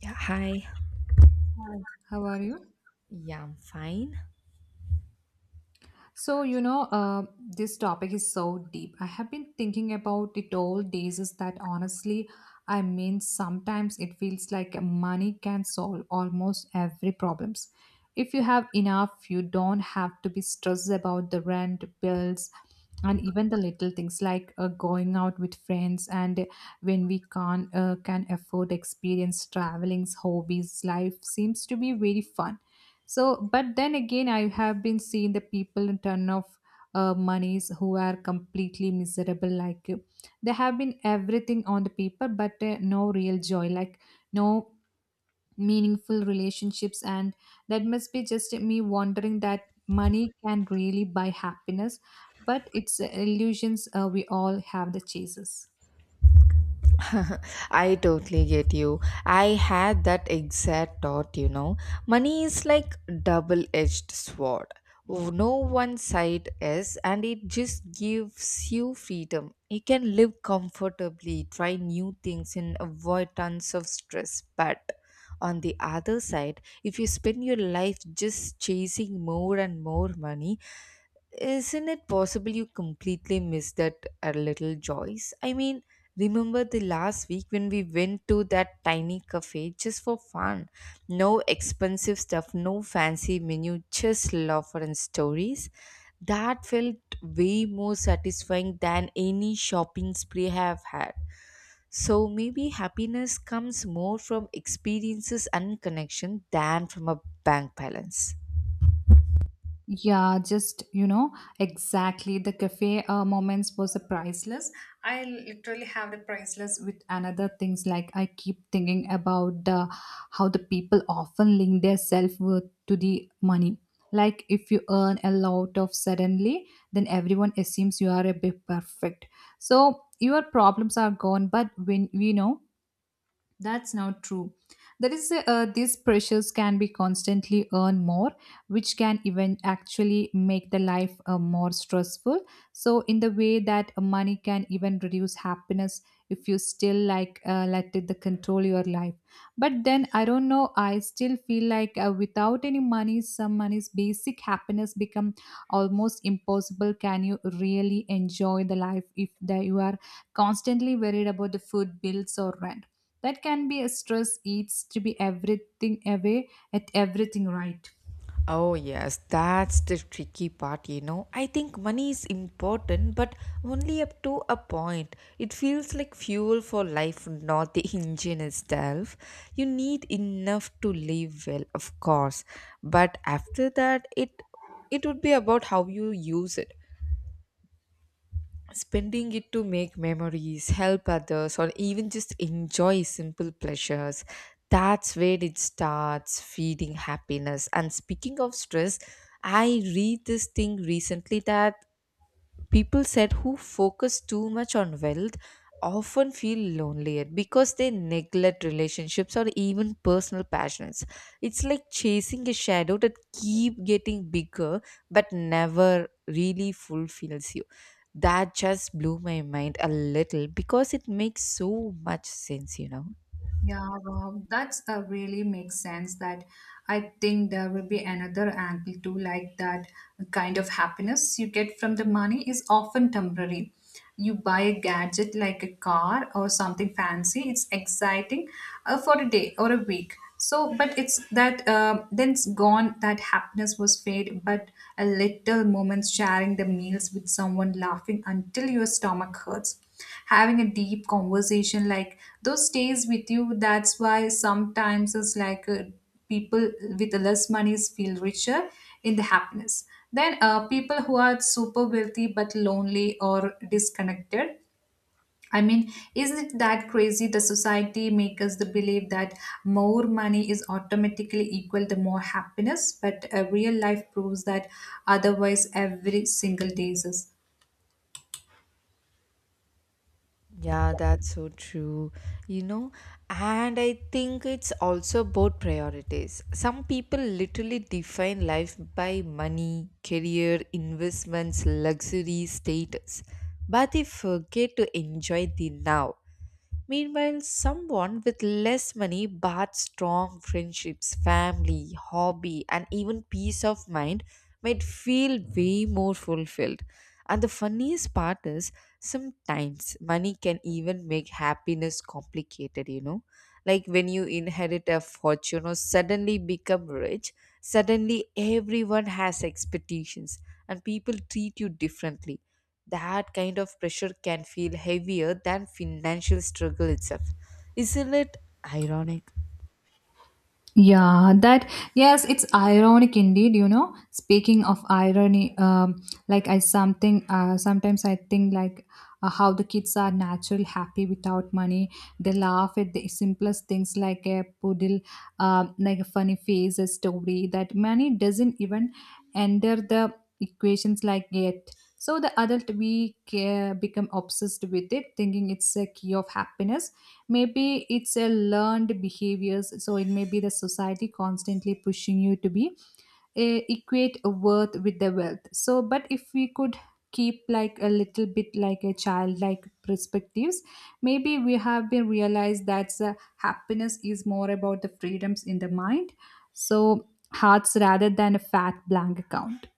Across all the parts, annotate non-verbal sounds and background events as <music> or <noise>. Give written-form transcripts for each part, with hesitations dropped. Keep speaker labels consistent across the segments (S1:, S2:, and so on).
S1: Yeah, hi.
S2: Hi, how are you?
S1: Yeah, I'm fine.
S2: So, you know, uh, this topic is so deep. I have been thinking about it all days is that honestly, I mean, sometimes it feels like money can solve almost every problems. If you have enough, you don't have to be stressed about the rent, bills, and even the little things like going out with friends and when we can afford experience travelings hobbies life seems to be very fun. So, but then again, I have been seeing the people in turn of monies who are completely miserable. Like they have been everything on the paper, but no real joy, like no meaningful relationships, and that must be just me wondering that money can really buy happiness, but it's illusions we all have the chases.
S1: <laughs> I totally get you. I had that exact thought, you know. Money is like double-edged sword. No one side is and it just gives you freedom. You can live comfortably, try new things and avoid tons of stress. But on the other side, if you spend your life just chasing more and more money, isn't it possible you completely missed that little Joyce? I mean, remember the last week when we went to that tiny cafe just for fun? No expensive stuff, no fancy menu, just laughter and stories. That felt way more satisfying than any shopping spree I have had. So maybe happiness comes more from experiences and connection than from a bank balance.
S2: Yeah, exactly. The cafe moments was a priceless. I literally have the priceless with another things like I keep thinking about the how the people often link their self worth to the money. Like if you earn a lot of suddenly, then everyone assumes you are a bit perfect. So your problems are gone. But when we know that's not true. There is these pressures can be constantly earn more, which can even actually make the life more stressful. So, in the way that money can even reduce happiness if you still like let it the control your life. But then I don't know. I still feel like without any money, some money's basic happiness become almost impossible. Can you really enjoy the life if that you are constantly worried about the food bills or rent? That can be a stress eats to be everything away at everything, right?
S1: Oh, yes, that's the tricky part, you know. I think money is important, but only up to a point. It feels like fuel for life, not the <laughs> engine itself. You need enough to live well, of course, but after that, it would be about how you use it, spending it to make memories, help others, or even just enjoy simple pleasures. That's where it starts feeding happiness. And speaking of stress, I read this thing recently that people said who focus too much on wealth often feel lonelier because they neglect relationships or even personal passions. It's like chasing a shadow that keep getting bigger but never really fulfills you. That just blew my mind a little because it makes so much sense, you know.
S2: Yeah, wow. That's really makes sense that I think there will be another angle too, like that kind of happiness you get from the money is often temporary. You buy a gadget like a car or something fancy, it's exciting for a day or a week. So, but it's that then it's gone, that happiness was fade, but a little moments sharing the meals with someone laughing until your stomach hurts having a deep conversation like those stays with you. That's why sometimes it's like people with less money feel richer in the happiness then people who are super wealthy but lonely or disconnected. I mean, isn't it that crazy the society makes us the believe that more money is automatically equal to more happiness but real life proves that otherwise every single day is.
S1: Yeah, that's so true. You know, and I think it's also about priorities. Some people literally define life by money, career, investments, luxury, status, but they forget to enjoy the now. Meanwhile, someone with less money but strong friendships, family, hobby, and even peace of mind might feel way more fulfilled. And the funniest part is sometimes money can even make happiness complicated, you know. Like when you inherit a fortune or suddenly become rich, suddenly everyone has expectations and people treat you differently. That kind of pressure can feel heavier than financial struggle itself. Isn't it ironic?
S2: Yes, it's ironic indeed, you know. Speaking of irony, like I something, sometimes I think like how the kids are naturally happy without money. They laugh at the simplest things like a poodle, like a funny face, a story that money doesn't even enter the equations like yet. So the adult we care, become obsessed with it, thinking it's a key of happiness. Maybe it's a learned behaviors, so it may be the society constantly pushing you to be equate a worth with the wealth. So but if we could keep like a little bit like a childlike perspectives, maybe we have been realized that happiness is more about the freedoms in the mind so hearts rather than a fat blank account.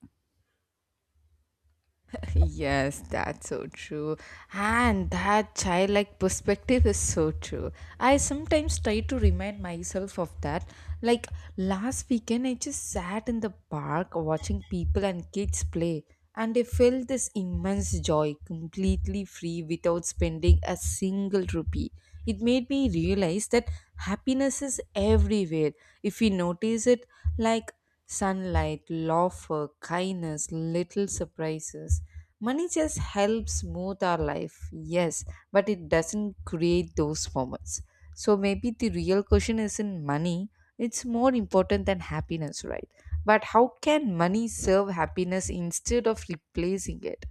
S1: Yes, that's so true. And that childlike perspective is so true. I sometimes try to remind myself of that. Like last weekend, I just sat in the park watching people and kids play, and I felt this immense joy, completely free without spending a single rupee. It made me realize that happiness is everywhere if we notice it, like sunlight, laughter, kindness, little surprises. Money just helps smooth our life, yes, but it doesn't create those moments. So maybe the real question isn't money, it's more important than happiness, right? But how can money serve happiness instead of replacing it?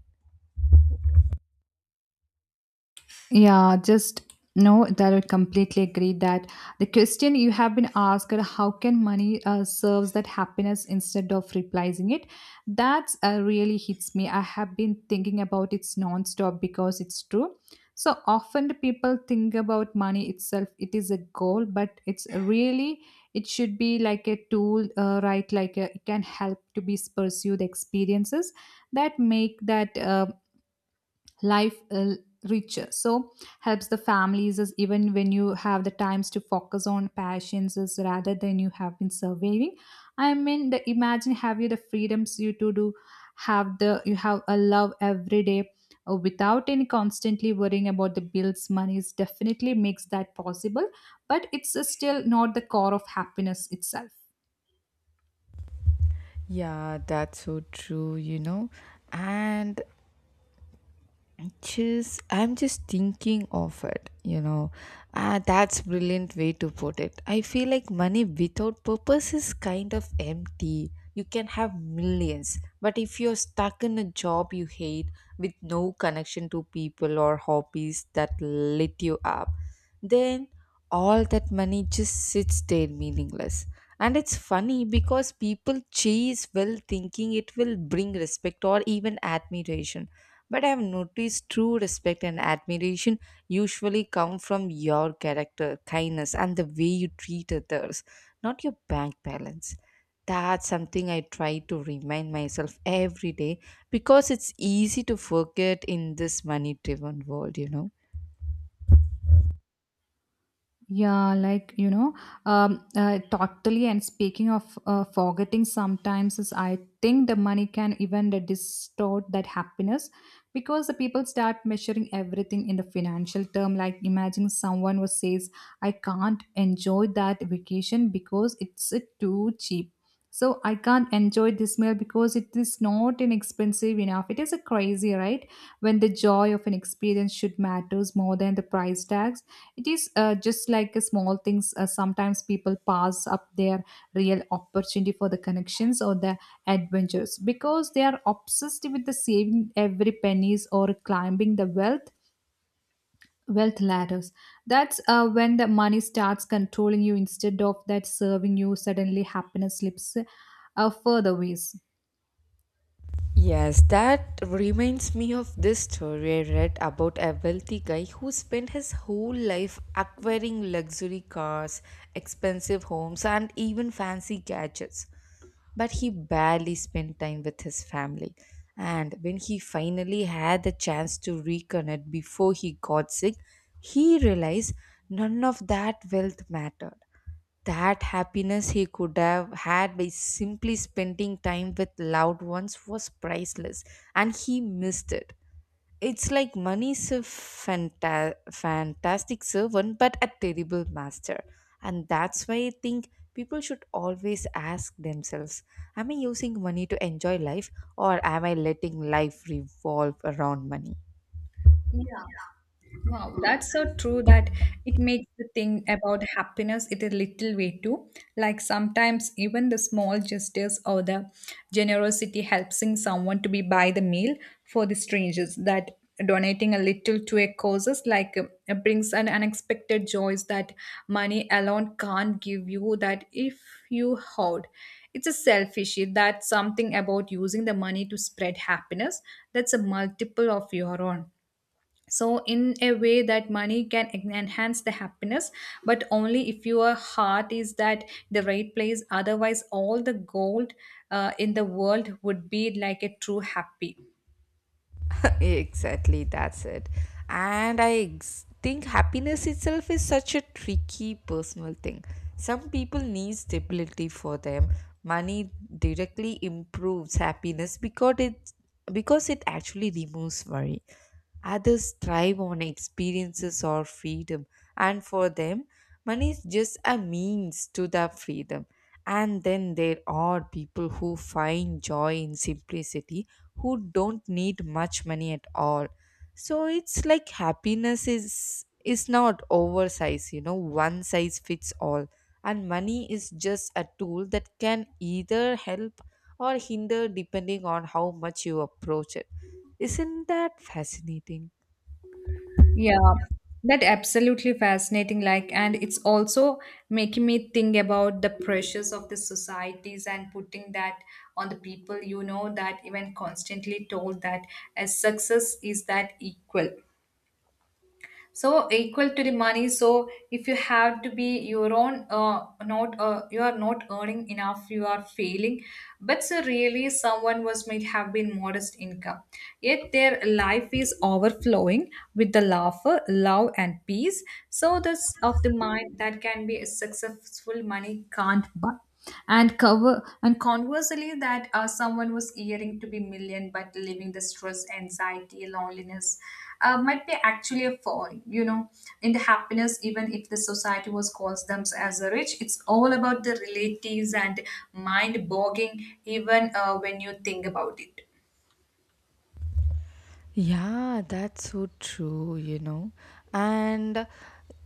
S2: Yeah, just no, that I completely agree that the question you have been asked, how can money serves that happiness instead of replacing it? That's really hits me. I have been thinking about it nonstop because it's true. So often the people think about money itself, it is a goal, but it's really, it should be like a tool, right? Like a, it can help to be pursue the experiences that make that life richer so helps the families is even when you have the times to focus on passions is rather than you have been surveying. I mean the imagine have you the freedoms you to do have the you have a love every day without any constantly worrying about the bills. Money is definitely makes that possible, but it's still not the core of happiness itself.
S1: Yeah, that's so true, you know. And just, I'm just thinking of it, you know. Ah, that's brilliant way to put it. I feel like money without purpose is kind of empty. You can have millions, but if you're stuck in a job you hate with no connection to people or hobbies that lit you up, then all that money just sits there meaningless. And it's funny because people chase well thinking it will bring respect or even admiration, but I have noticed true respect and admiration usually come from your character, kindness, and the way you treat others, not your bank balance. That's something I try to remind myself every day because it's easy to forget in this money driven world, you know.
S2: Yeah, like you know, totally. And speaking of forgetting, sometimes is I think the money can even the distort that happiness because the people start measuring everything in the financial term. Like imagine someone who says, "I can't enjoy that vacation because it's too cheap." So I can't enjoy this meal because it is not inexpensive enough. It is a crazy, right? When the joy of an experience should matters more than the price tags, it is just like a small things. Sometimes people pass up their real opportunity for the connections or the adventures because they are obsessed with the saving every pennies or climbing the wealth ladders. That's when the money starts controlling you instead of that serving you. Suddenly, happiness slips further ways.
S1: Yes, that reminds me of this story I read about a wealthy guy who spent his whole life acquiring luxury cars, expensive homes, and even fancy gadgets. But he barely spent time with his family. And when he finally had the chance to reconnect before he got sick, he realized none of that wealth mattered. That happiness he could have had by simply spending time with loved ones was priceless, and he missed it. It's like money is a fantastic servant but a terrible master. And that's why I think people should always ask themselves, am I using money to enjoy life, or am I letting life revolve around money?
S2: Yeah. Wow, that's so true that it makes the thing about happiness it a little way too. Like sometimes even the small gestures or the generosity helping someone to be buy the meal for the strangers that donating a little to a causes like it brings an unexpected joys that money alone can't give you that if you hoard. It's a selfish that's something about using the money to spread happiness that's a multiple of your own. So in a way that money can enhance the happiness, but only if your heart is that the right place, otherwise all the gold in the world would be like a true happy.
S1: <laughs> Exactly, that's it. And I think happiness itself is such a tricky personal thing. Some people need stability for them. Money directly improves happiness because it actually removes worry. Others thrive on experiences or freedom, and for them, money is just a means to that freedom. And then there are people who find joy in simplicity, who don't need much money at all. So it's like happiness is not oversized, you know, one size fits all. And money is just a tool that can either help or hinder depending on how much you approach it. Isn't that fascinating?
S2: Yeah, that absolutely fascinating, like, and it's also making me think about the pressures of the societies and putting that on the people, you know, that even constantly told that as success is that equal so equal to the money. So if you have to be your own not you are not earning enough you are failing, but so really someone was might have been modest income yet their life is overflowing with the laughter love and peace. So this of the mind that can be a successful money can't buy and cover, and conversely that someone was earning to be million but living the stress anxiety loneliness might be actually a fall, you know, in the happiness even if the society was calls them as a rich. It's all about the relatives and mind bogging even when you think about it.
S1: Yeah, that's so true, you know. And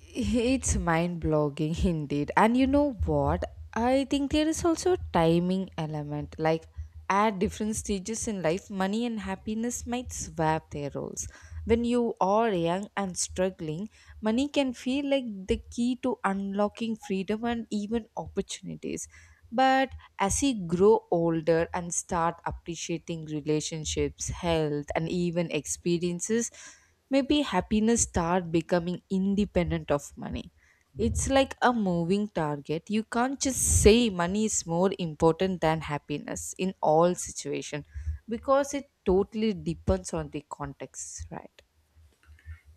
S1: it's mind-blogging <laughs> indeed. And you know what? I think there is also a timing element. Like at different stages in life, money and happiness might swap their roles. When you are young and struggling, money can feel like the key to unlocking freedom and even opportunities. But as we grow older and start appreciating relationships, health, and even experiences, maybe happiness start becoming independent of money. It's like a moving target. You can't just say money is more important than happiness in all situation because it totally depends on the context, right?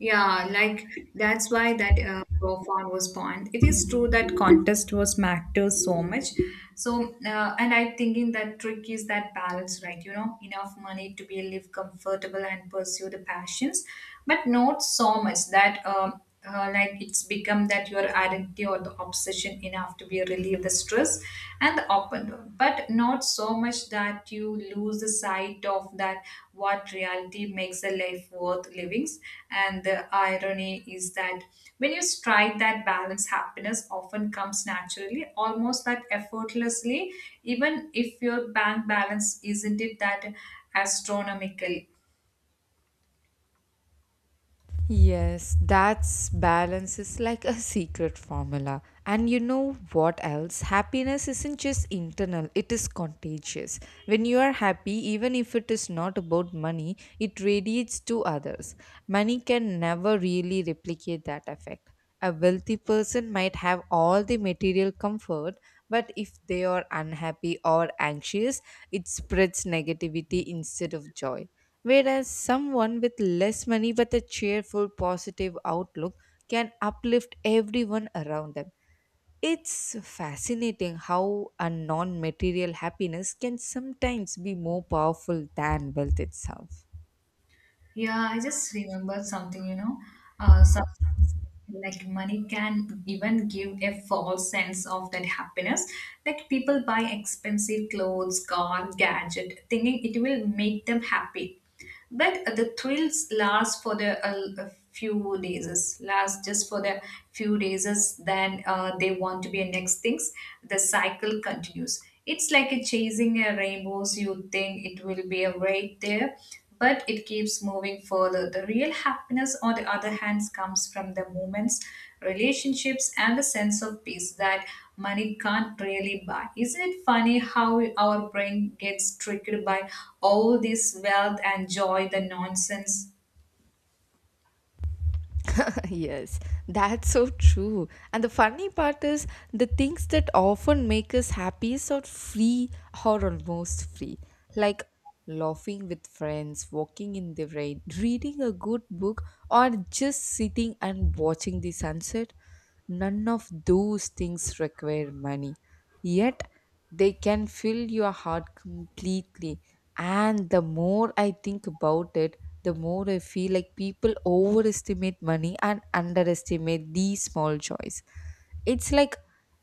S2: Yeah, like, that's why that profound was born. It is true that contest was matters so much. So and I'm thinking that trick is that balance, right, you know, enough money to be live comfortable and pursue the passions, but not so much that like it's become that your identity or the obsession, enough to be relieve the stress and the up and down, but not so much that you lose the sight of that what reality makes a life worth livings. And the irony is that when you strike that balance happiness often comes naturally almost that effortlessly, even if your bank balance isn't it that astronomical.
S1: Yes, that's balance is like a secret formula. And you know what else? Happiness isn't just internal, it is contagious. When you are happy, even if it is not about money, it radiates to others. Money can never really replicate that effect. A wealthy person might have all the material comfort, but if they are unhappy or anxious, it spreads negativity instead of joy. Whereas someone with less money but a cheerful, positive outlook can uplift everyone around them. It's fascinating how a non material happiness can sometimes be more powerful than wealth itself.
S2: Yeah, I just remembered something, you know. Sometimes I feel like money can even give a false sense of that happiness. Like people buy expensive clothes, car, gadget, thinking it will make them happy. But the thrills last for the a few days, last just for the few days, then they want to be a next things. The cycle continues. It's like a chasing a rainbows. You think it will be a right there but it keeps moving further. The real happiness, on the other hand, comes from the moments, relationships, and the sense of peace that money can't really buy. Isn't it funny how our brain gets tricked by all this wealth and joy, the nonsense?
S1: <laughs> Yes, that's so true. And the funny part is, the things that often make us happiest are free or almost free. Like laughing with friends, walking in the rain, reading a good book, or just sitting and watching the sunset. None of those things require money. Yet, they can fill your heart completely. And the more I think about it, the more I feel like people overestimate money and underestimate these small joys. It's like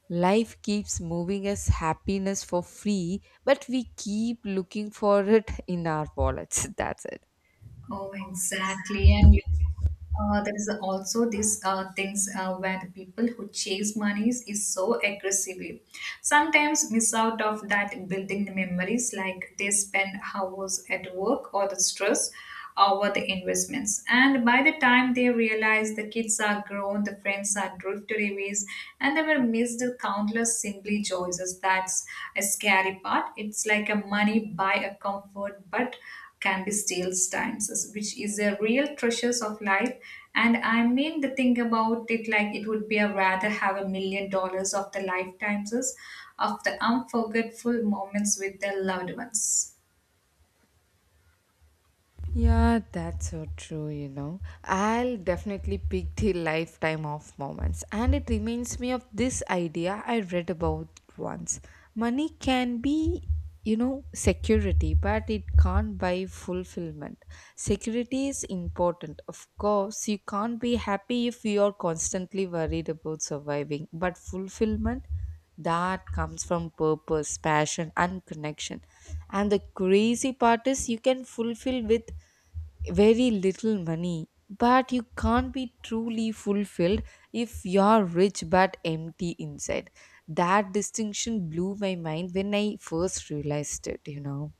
S1: life keeps moving us happiness for free, but we keep looking for it in our wallets. <laughs> That's it.
S2: Oh, exactly. And you there is also these things where the people who chase monies is so aggressively sometimes miss out of that building memories like they spend hours at work or the stress over the investments, and by the time they realize the kids are grown the friends are drifted away and they were missed the countless simply joys. That's a scary part. It's like a money buy a comfort but can be steals times, which is a real treasures of life. And I mean the thing about it, like, it would be a rather have $1 million of the lifetimes of the unforgettable moments with their loved ones.
S1: Yeah, that's so true, you know. I'll definitely pick the lifetime of moments. And it reminds me of this idea I read about once. Money can be, you know, security, but it can't buy fulfillment. Security is important. Of course, you can't be happy if you are constantly worried about surviving, but fulfillment that comes from purpose, passion, and connection. And the crazy part is you can fulfill with very little money, but you can't be truly fulfilled if you're rich but empty inside. That distinction blew my mind when I first realized it, you know.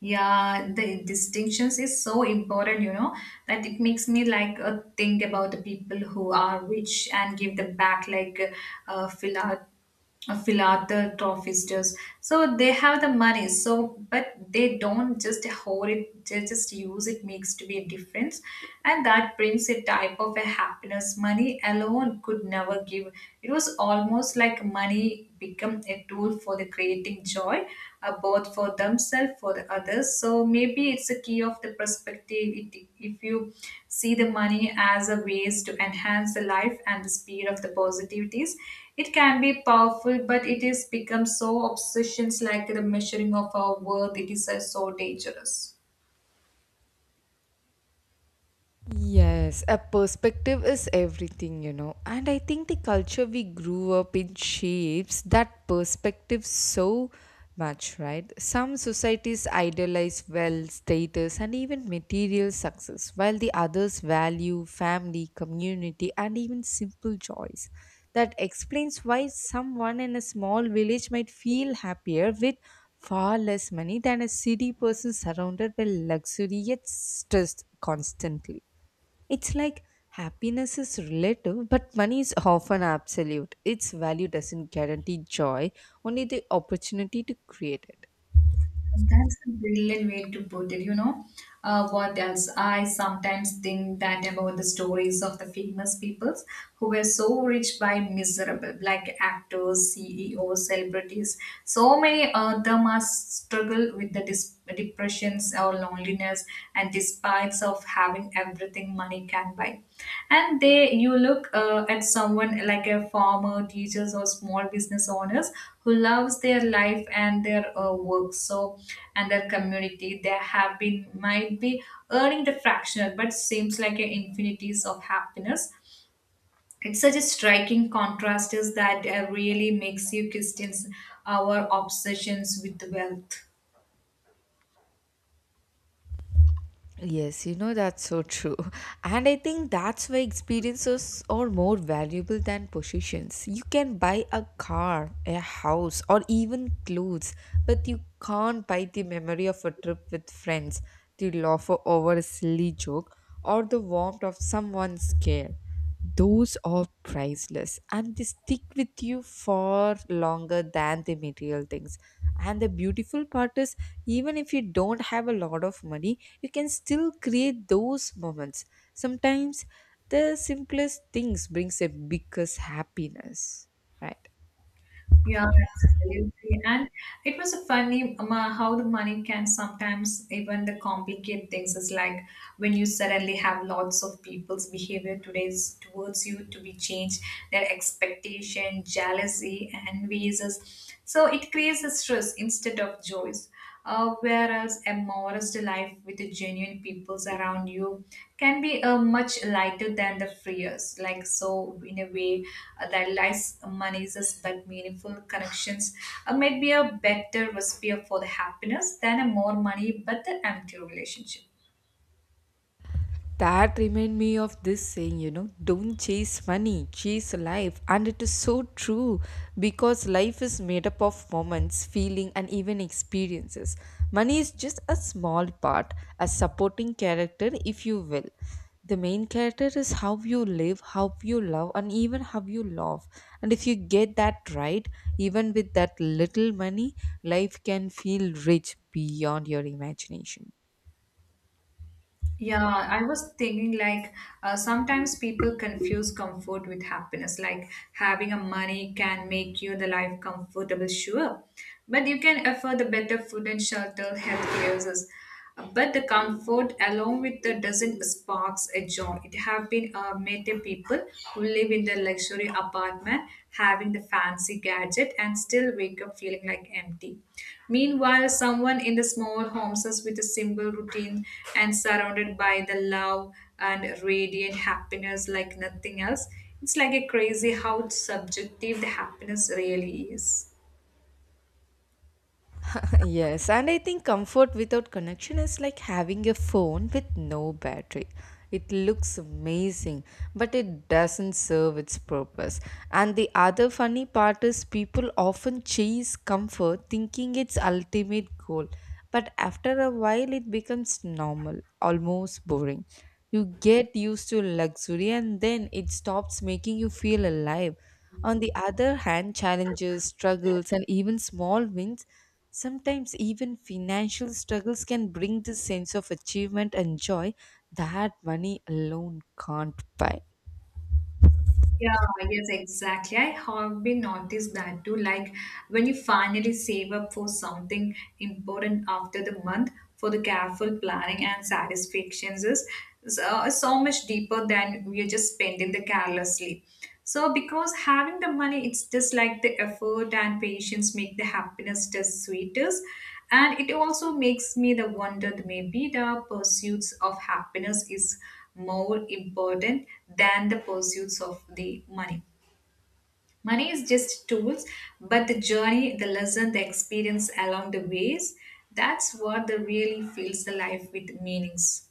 S2: Yeah, the distinctions is so important, you know, that it makes me like think about the people who are rich and give them back like philat philanthropists. Does. So they have the money, so but they don't just hoard it; they just use it. Makes to be a difference, and that brings a type of a happiness money alone could never give. It was almost like money become a tool for the creating joy both for themselves for the others, so maybe it's a key of the perspective it, if you see the money as a ways to enhance the life and the speed of the positivities. It can be powerful, but it is become so obsessions like the measuring of our worth it is so dangerous.
S1: Yes, a perspective is everything, you know. And I think the culture we grew up in shapes that perspective so much, right? Some societies idolize wealth, status, and even material success, while the others value family, community, and even simple joys. That explains why someone in a small village might feel happier with far less money than a city person surrounded by luxury yet stressed constantly. It's like happiness is relative, but money is often absolute. Its value doesn't guarantee joy, only the opportunity to create it.
S2: That's a brilliant way to put it, What else? I sometimes think that about the stories of the famous peoples who were so rich by miserable, like actors, CEOs, celebrities. So many of them must struggle with the depressions or loneliness and despite of having everything money can buy. And they you look at someone like a farmer teachers or small business owners who loves their life and their work so and their community they have been might be earning the fractional but seems like a infinities of happiness. It's such a striking contrast is that really makes you question our obsessions with the wealth.
S1: Yes, you know that's so true. <laughs> And I think that's why experiences are more valuable than possessions. You can buy a car, a house, or even clothes, but you can't buy the memory of a trip with friends, the laughter over a silly joke, or the warmth of someone's care. Those are priceless and they stick with you far longer than the material things. And the beautiful part is, even if you don't have a lot of money, you can still create those moments. Sometimes the simplest things brings the biggest happiness, right?
S2: Yeah, absolutely. And it was a funny how the money can sometimes even the complicate things is like when you suddenly have lots of people's behavior today's towards you to be changed, their expectation, jealousy, envies. So it creates a stress instead of joys. Whereas a modest life with the genuine peoples around you can be much lighter than the freers. Like so, in a way, that less money is us, but meaningful connections might be a better recipe for the happiness than a more money but the empty relationship.
S1: That remind me of this saying, you know, don't chase money, chase life. And it is so true because life is made up of moments, feeling and even experiences. Money is just a small part, a supporting character if you will. The main character is how you live, how you love and even how you love. And if you get that right, even with that little money, life can feel rich beyond your imagination.
S2: Yeah, I was thinking like sometimes people confuse comfort with happiness. Like having a money can make you the life comfortable, sure, but you can afford the better food and shelter, health services. But the comfort along with the doesn't sparks a joy. It have been made the people who live in their luxury apartment, having the fancy gadget, and still wake up feeling like empty. Meanwhile, someone in the small homes is with a simple routine and surrounded by the love and radiant happiness like nothing else. It's like a crazy how subjective the happiness really is.
S1: <laughs> Yes, and I think comfort without connection is like having a phone with no battery. It looks amazing, but it doesn't serve its purpose. And the other funny part is people often chase comfort thinking it's ultimate goal, but after a while it becomes normal, almost boring. You get used to luxury and then it stops making you feel alive. On the other hand, challenges, struggles, and even small wins, sometimes even financial struggles can bring this sense of achievement and joy that money alone can't buy.
S2: Yeah, yes, exactly. I have been noticed that too. Like when you finally save up for something important after the month, for the careful planning and satisfactions is so, so much deeper than we are just spending the carelessly. So because having the money, it's just like the effort and patience make the happiness just sweetest. And it also makes me the wonder that maybe the pursuits of happiness is more important than the pursuits of the money. Money is just tools, but the journey, the lesson, the experience along the ways, that's what the really fills the life with meanings.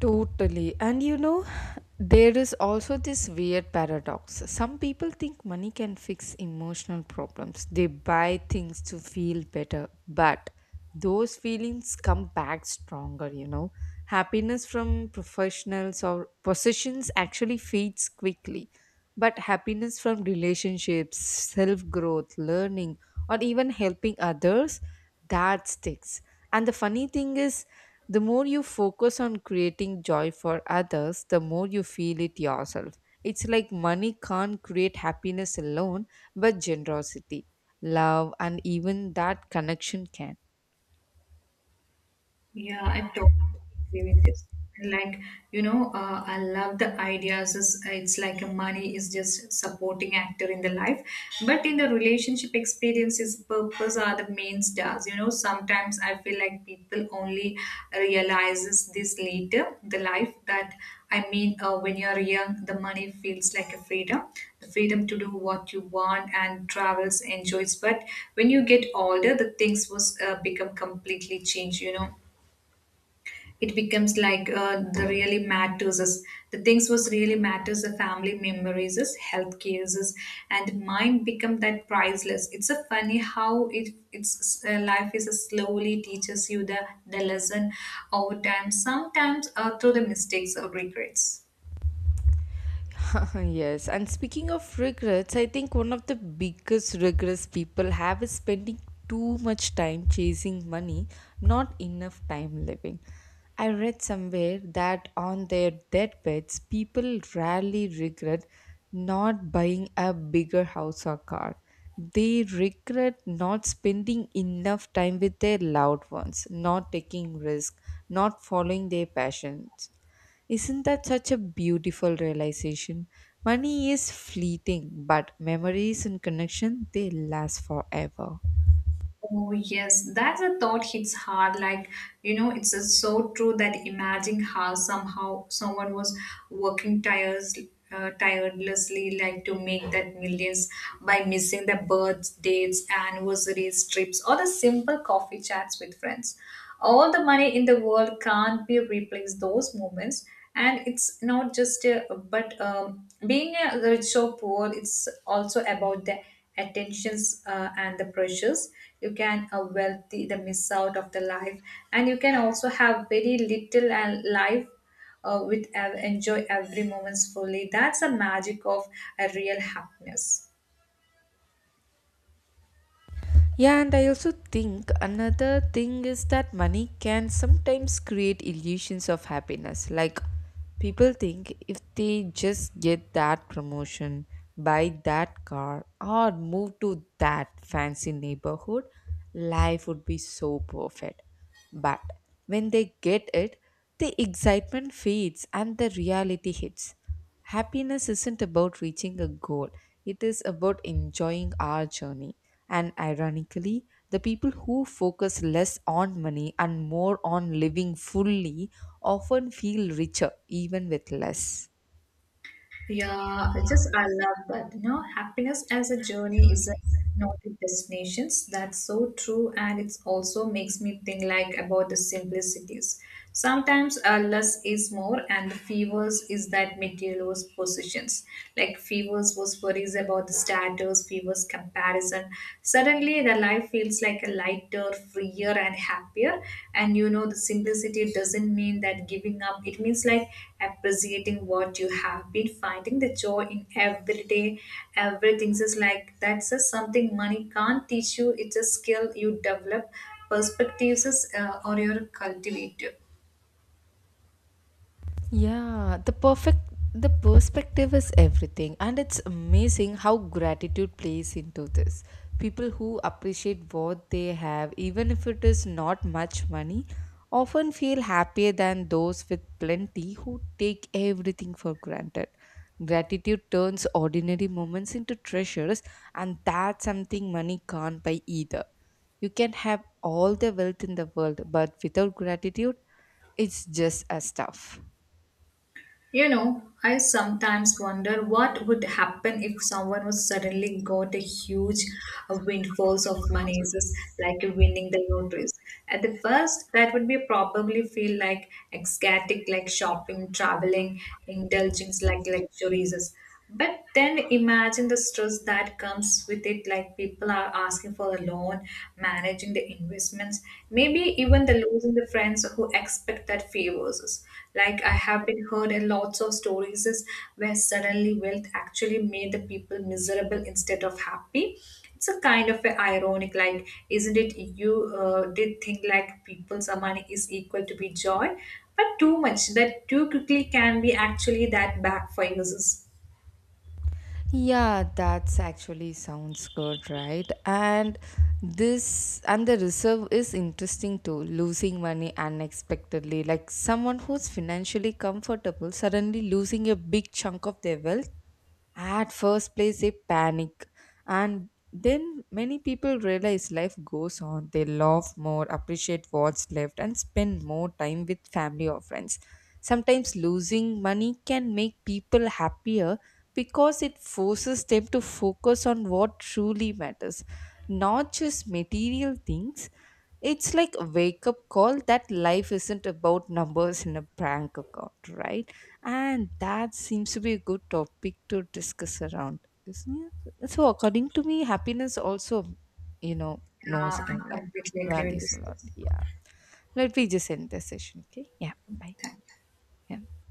S1: Totally. And you know, there is also this weird paradox. Some people think money can fix emotional problems, they buy things to feel better, but those feelings come back stronger, you know. Happiness from professionals or possessions actually fades quickly, but happiness from relationships, self growth, learning, or even helping others, that sticks. And the funny thing is, the more you focus on creating joy for others, the more you feel it yourself. It's like money can't create happiness alone, but generosity, love, and even that connection can.
S2: Yeah, I totally agree with this. And like, you know, I love the ideas. It's like money is just supporting actor in the life, but in the relationship experiences, purpose are the main stars. You know, sometimes I feel like people only realizes this later, the life that I mean, when you're young, the money feels like a freedom, the freedom to do what you want and travels, enjoys. But when you get older, the things was become completely changed. You know it becomes like the really matters is the things was really matters the family memories is health cares is and mine become that priceless. It's a funny how it's life is a slowly teaches you the lesson over time, sometimes through the mistakes or regrets.
S1: <laughs> Yes, and speaking of regrets, I think one of the biggest regrets people have is spending too much time chasing money, not enough time living. I read somewhere that on their deathbeds, people rarely regret not buying a bigger house or car. They regret not spending enough time with their loved ones, not taking risks, not following their passions. Isn't that such a beautiful realization? Money is fleeting, but memories and connection they last forever.
S2: Oh, yes, that's a thought hits hard. Like, you know, it's so true that imagine how somehow someone was working tires, tirelessly, like to make that millions by missing the birth dates, anniversaries, trips, or the simple coffee chats with friends. All the money in the world can't be replaced those moments. And it's not just, but being rich or poor, it's also about that attentions and the pressures. You can wealthy the miss out of the life and you can also have very little and life enjoy every moments fully. That's the magic of a real happiness.
S1: Yeah, and I also think another thing is that money can sometimes create illusions of happiness. Like people think if they just get that promotion, buy that car, or move to that fancy neighborhood, life would be so perfect. But when they get it, the excitement fades and the reality hits. Happiness isn't about reaching a goal, it is about enjoying our journey. And ironically, the people who focus less on money and more on living fully often feel richer, even with less.
S2: Yeah, I just I love that. You know, happiness as a journey is a not a destinations. That's so true, and it's also makes me think like about the simplicities. Sometimes less is more, and the fevers is that material was positions. Like fevers was worries about the status, fevers comparison. Suddenly, the life feels like a lighter, freer, and happier. And you know, the simplicity doesn't mean that giving up, it means like appreciating what you have been finding the joy in every day. Everything is like that's just something money can't teach you, it's a skill you develop, perspectives is, or your cultivator.
S1: Yeah, the perspective is everything and it's amazing how gratitude plays into this. People who appreciate what they have even if it is not much money often feel happier than those with plenty who take everything for granted. Gratitude turns ordinary moments into treasures and that's something money can't buy either. You can have all the wealth in the world but without gratitude it's just as tough.
S2: You know, I sometimes wonder what would happen if someone was suddenly got a huge windfalls of money, just like winning the lotteries. At the first, that would be probably feel like ecstatic, like shopping, traveling, indulging like luxuries. But then imagine the stress that comes with it, like people are asking for a loan, managing the investments, maybe even the losing the friends who expect that favors. Us. Like I have been heard in lots of stories is where suddenly wealth actually made the people miserable instead of happy. It's a kind of a ironic, like isn't it? You did think like people's money is equal to be joy, but too much that too quickly can be actually that backfires. Us.
S1: Yeah, that's actually sounds good, right? And this and the reserve is interesting too. Losing money unexpectedly, like someone who's financially comfortable suddenly losing a big chunk of their wealth. At first place, they panic, and then many people realize life goes on. They laugh more, appreciate what's left, and spend more time with family or friends. Sometimes losing money can make people happier because it forces them to focus on what truly matters, not just material things. It's like a wake up call that life isn't about numbers in a prank account, right? And that seems to be a good topic to discuss around, isn't it? So according to me happiness also, you know, knows
S2: Yeah,
S1: and
S2: I
S1: like
S2: completely agree with
S1: values
S2: this.
S1: a lot. Yeah, let me just end the session. Okay, yeah, bye. Yeah.